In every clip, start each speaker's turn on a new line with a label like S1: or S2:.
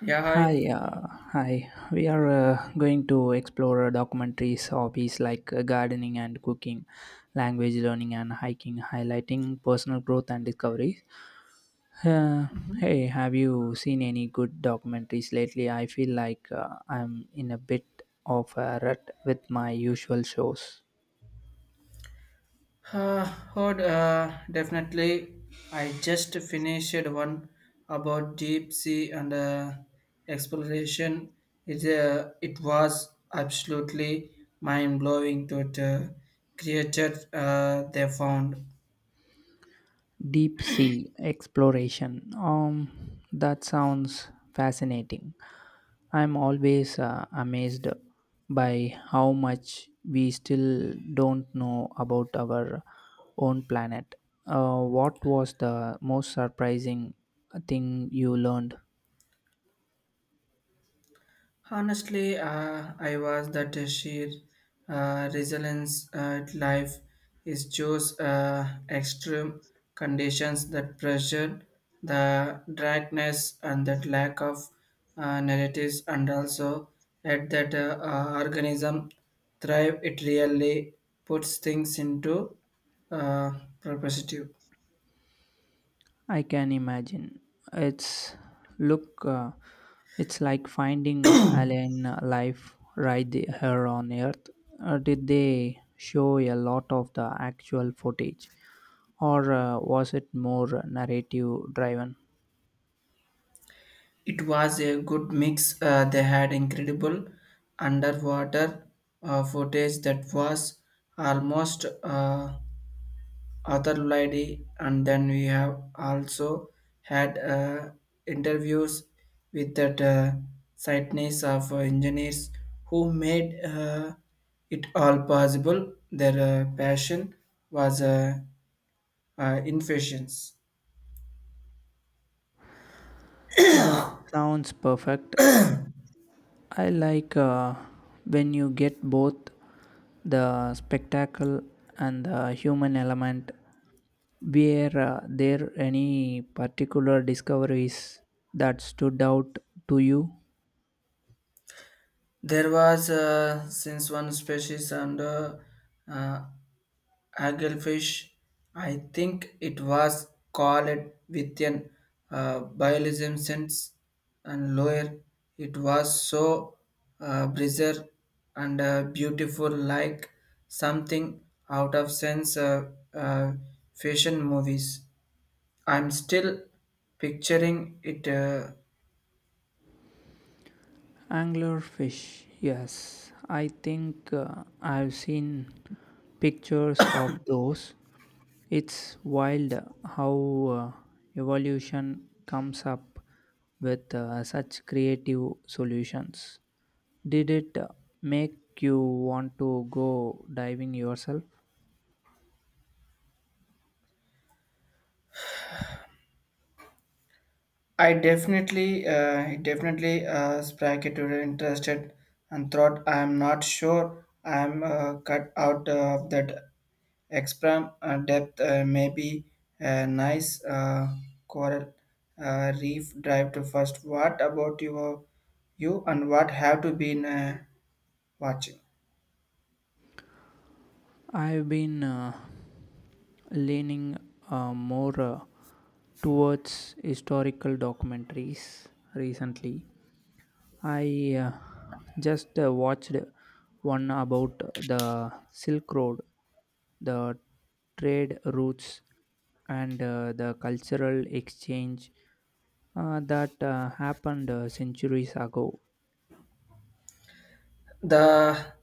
S1: Yeah,
S2: Hi,
S1: hi.
S2: hi. We are going to explore documentaries, hobbies like gardening and cooking, language learning and hiking, highlighting personal growth and discovery. Uh, Hey, have you seen any good documentaries lately? I feel like I'm in a bit of a rut with my usual shows.
S1: Heard, definitely. I just finished one about deep sea and exploration. It was absolutely mind blowing to the creature they found.
S2: Deep sea exploration. That sounds fascinating. I'm always amazed by how much we still don't know about our own planet. What was the most surprising thing you learned?
S1: Honestly, I was that sheer resilience at life is just extreme conditions that pressure, the darkness, and that lack of narratives, and also at that organism thrive, it really puts things into uh, perspective.
S2: I can imagine. It's look, it's like finding alien life right here on Earth. Did they show a lot of the actual footage, or was it more narrative driven?
S1: It was a good mix. They had incredible underwater footage that was almost otherworldly, and then we have also had interviews with that sightness of engineers who made it all possible. Their passion was infusions.
S2: That sounds perfect. I like when you get both the spectacle and the human element. Were there any particular discoveries that stood out to you?
S1: There was since one species under uh, uh, Anglefish, I think it was called with an bialism sense and lower. It was so bizarre and beautiful, like something out of sense fashion movies. I'm still picturing it.
S2: Anglerfish, yes. I think I've seen pictures of those. It's wild how evolution comes up with such creative solutions. Did it make you want to go diving yourself?
S1: It definitely spark it the interested and thought I am not sure I am cut out of that expram depth. Maybe a nice coral reef drive to first. What about your you and what have to been watching?
S2: I've been leaning more towards historical documentaries recently. I just watched one about the Silk Road, the trade routes, and the cultural exchange that happened centuries ago.
S1: The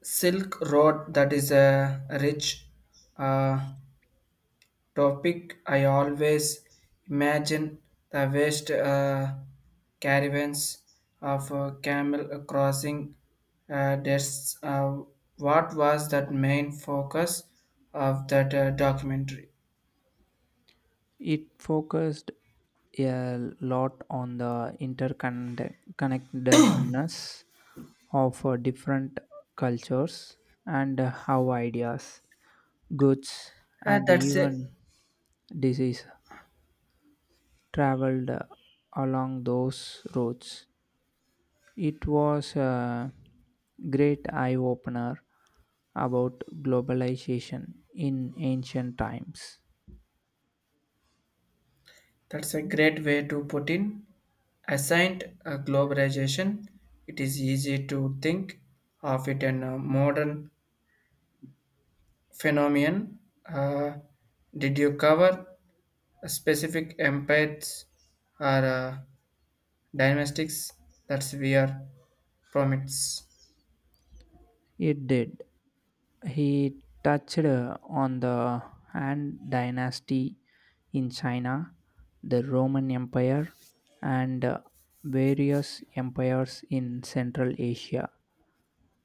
S1: Silk Road that is a rich uh, topic, I always imagine the vast caravans of camel crossing desks. What was that main focus of that documentary?
S2: It focused a lot on the interconnectedness of different cultures and how ideas, goods, and
S1: That's a
S2: even disease traveled along those roads. It was a great eye opener about globalization in ancient times.
S1: that's a great way to put in. Assigned globalization, it is easy to think of it in a modern phenomenon. Uh, did you cover specific empires or dynastics that's we are promites.
S2: It did. He touched on the Han dynasty in China, the Roman Empire, and various empires in Central Asia.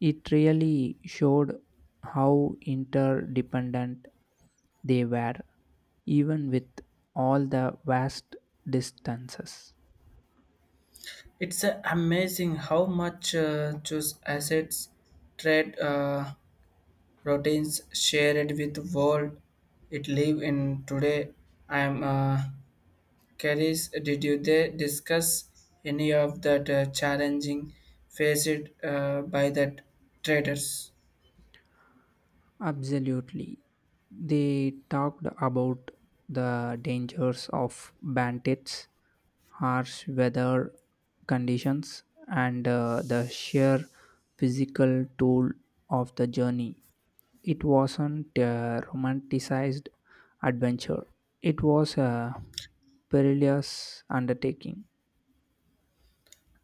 S2: It really showed how interdependent they were, even with all the vast distances.
S1: It's amazing how much choose assets, trade routines shared with world it live in today. I am curious. Did you they discuss any of that challenging faced by that traders?
S2: Absolutely. They talked about the dangers of bandits, harsh weather conditions, and the sheer physical toll of the journey. It wasn't a romanticized adventure, it was a perilous undertaking.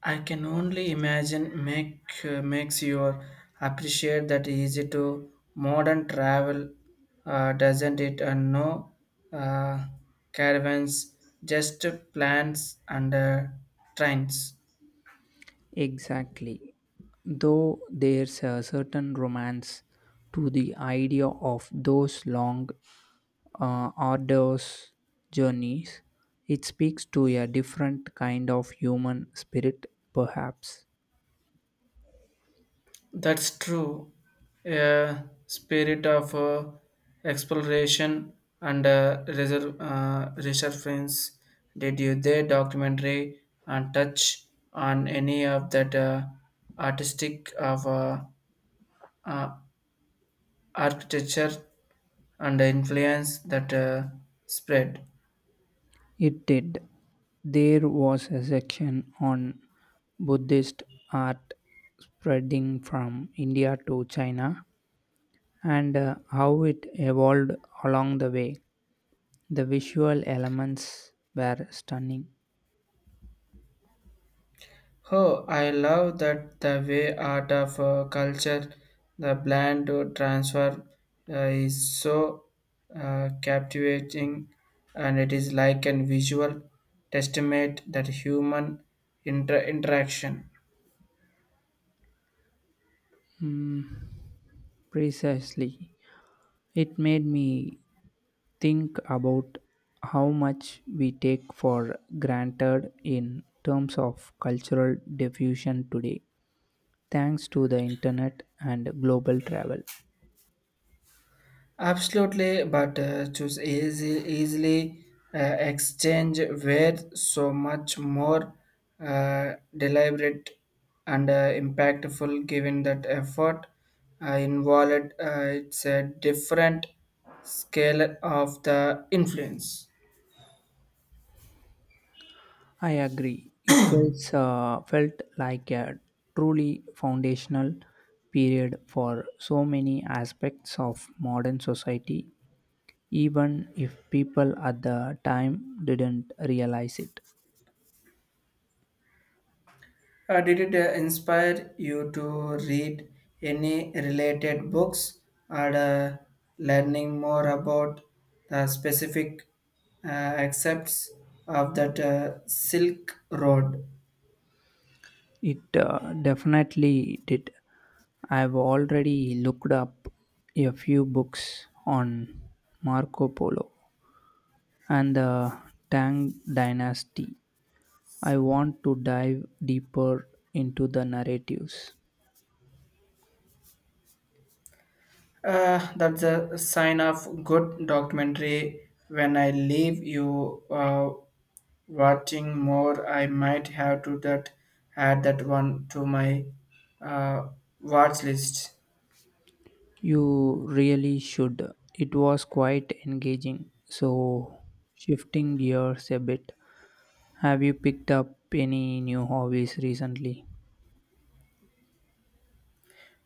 S1: I can only imagine makes you appreciate that easy to modern travel, doesn't it? And no uh, caravans, just plans and trains.
S2: Exactly. Though there's a certain romance to the idea of those long, arduous journeys, it speaks to a different kind of human spirit, perhaps.
S1: That's true. A spirit of exploration and resurgence. Did you their documentary and touch on any of that artistic of uh, architecture and the influence that spread?
S2: It did. There was a section on Buddhist art spreading from India to China and how it evolved along the way. The visual elements were stunning.
S1: Oh, I love that the way art of culture, the blend to transfer is so captivating, and it is like a visual testament that human interaction.
S2: Mm, precisely. It made me think about how much we take for granted in terms of cultural diffusion today, thanks to the internet and global travel.
S1: Absolutely, but easily exchange where so much more deliberate and impactful given that effort involved. It's a different scale of the influence.
S2: I agree. It felt like a truly foundational period for so many aspects of modern society, even if people at the time didn't realize it.
S1: Did it inspire you to read any related books or learning more about the specific accepts of that Silk Road?
S2: It definitely did. I've already looked up a few books on Marco Polo and the Tang dynasty. I want to dive deeper into the narratives.
S1: That's a sign of good documentary. When I leave you watching more, I might have to that add that one to my uh, watch list.
S2: You really should. It was quite engaging. So, shifting gears a bit, have you picked up any new hobbies recently?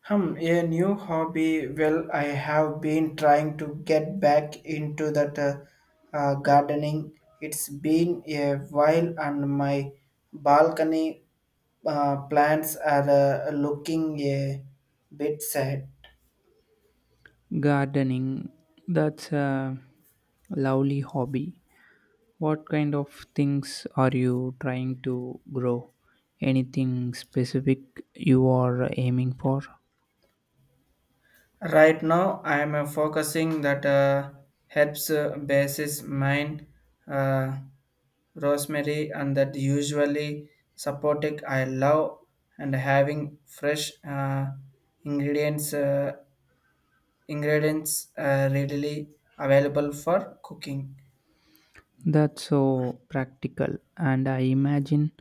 S1: Hmm, a new hobby. Well, I have been trying to get back into that gardening. It's been a while, and my balcony plants are looking a bit sad.
S2: Gardening, that's a lovely hobby. What kind of things are you trying to grow? Anything specific you are aiming for?
S1: Right now, I am focusing that helps basis mine uh, rosemary and that usually supported I love and having fresh ingredients uh, ingredients readily available for cooking.
S2: That's so practical, and I imagine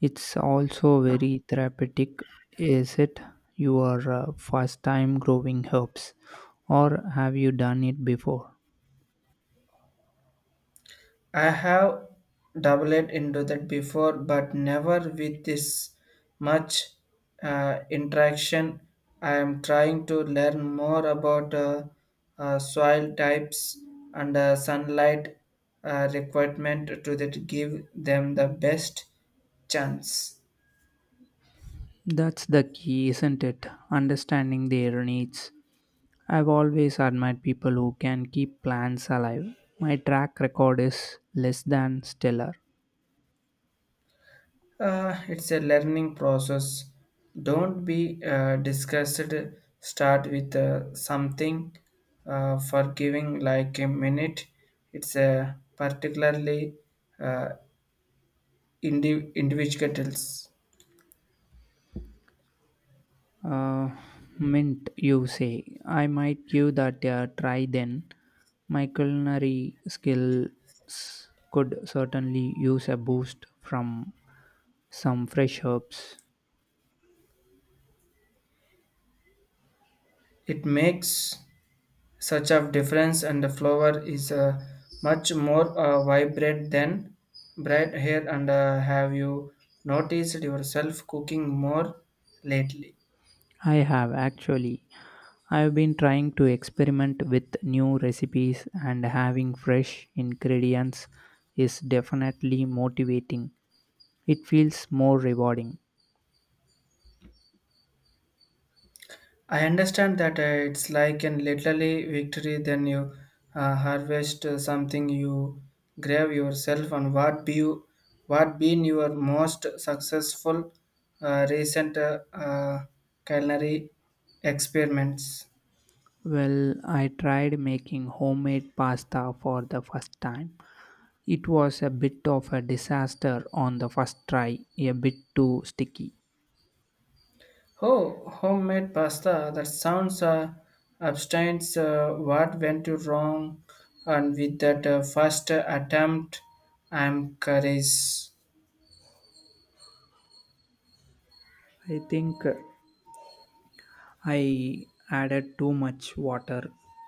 S2: it's also very therapeutic. Is it your first time growing herbs, or have you done it before?
S1: I have dabbled into that before, but never with this much interaction. I am trying to learn more about soil types and sunlight requirement to that give them the best chance.
S2: That's the key, isn't it? Understanding their needs. I've always admired people who can keep plants alive. My track record is less than stellar.
S1: It's a learning process. Don't be disgusted. Start with something forgiving, like a minute. It's a particularly uh, individuals.
S2: Uh, Mint, you say. I might give that a try then. My culinary skills could certainly use a boost from some fresh herbs.
S1: It makes such a difference, and the flower is much more vibrant than bright hair. And have you noticed yourself cooking more lately?
S2: I have, actually. I've been trying to experiment with new recipes, and having fresh ingredients is definitely motivating. It feels more rewarding.
S1: I understand that it's like an literally victory then you harvest something you grave yourself on what be you, what been your most successful recent culinary experiments.
S2: Well, I tried making homemade pasta for the first time. It was a bit of a disaster on the first try, a bit too sticky.
S1: Oh, homemade pasta that sounds abstains what went to wrong and with that first attempt I'm curious.
S2: I think I added too much water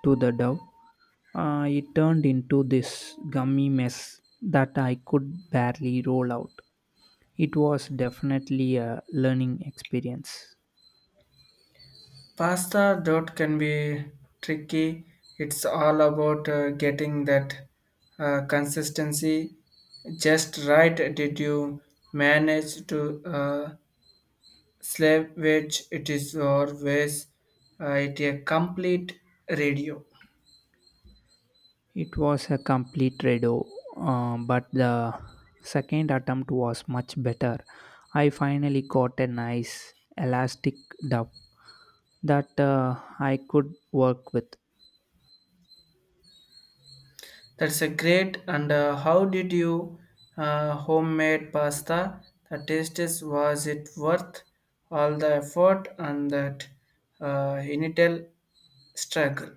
S2: to the dough. It turned into this gummy mess that I could barely roll out. It was definitely a learning experience.
S1: Pasta dot can be tricky. It's all about getting that consistency just right. Did you manage to slave which it is always it a complete radio?
S2: It was a complete redo, but the second attempt was much better. I finally got a nice elastic duff that I could work with.
S1: That's a great. And how did you homemade pasta? The taste is was it worth all the effort and that initial struggle?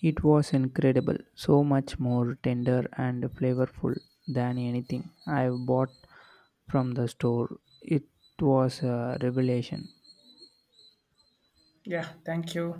S2: It was incredible, so much more tender and flavorful than anything I've bought from the store. It was a revelation.
S1: Yeah, thank you.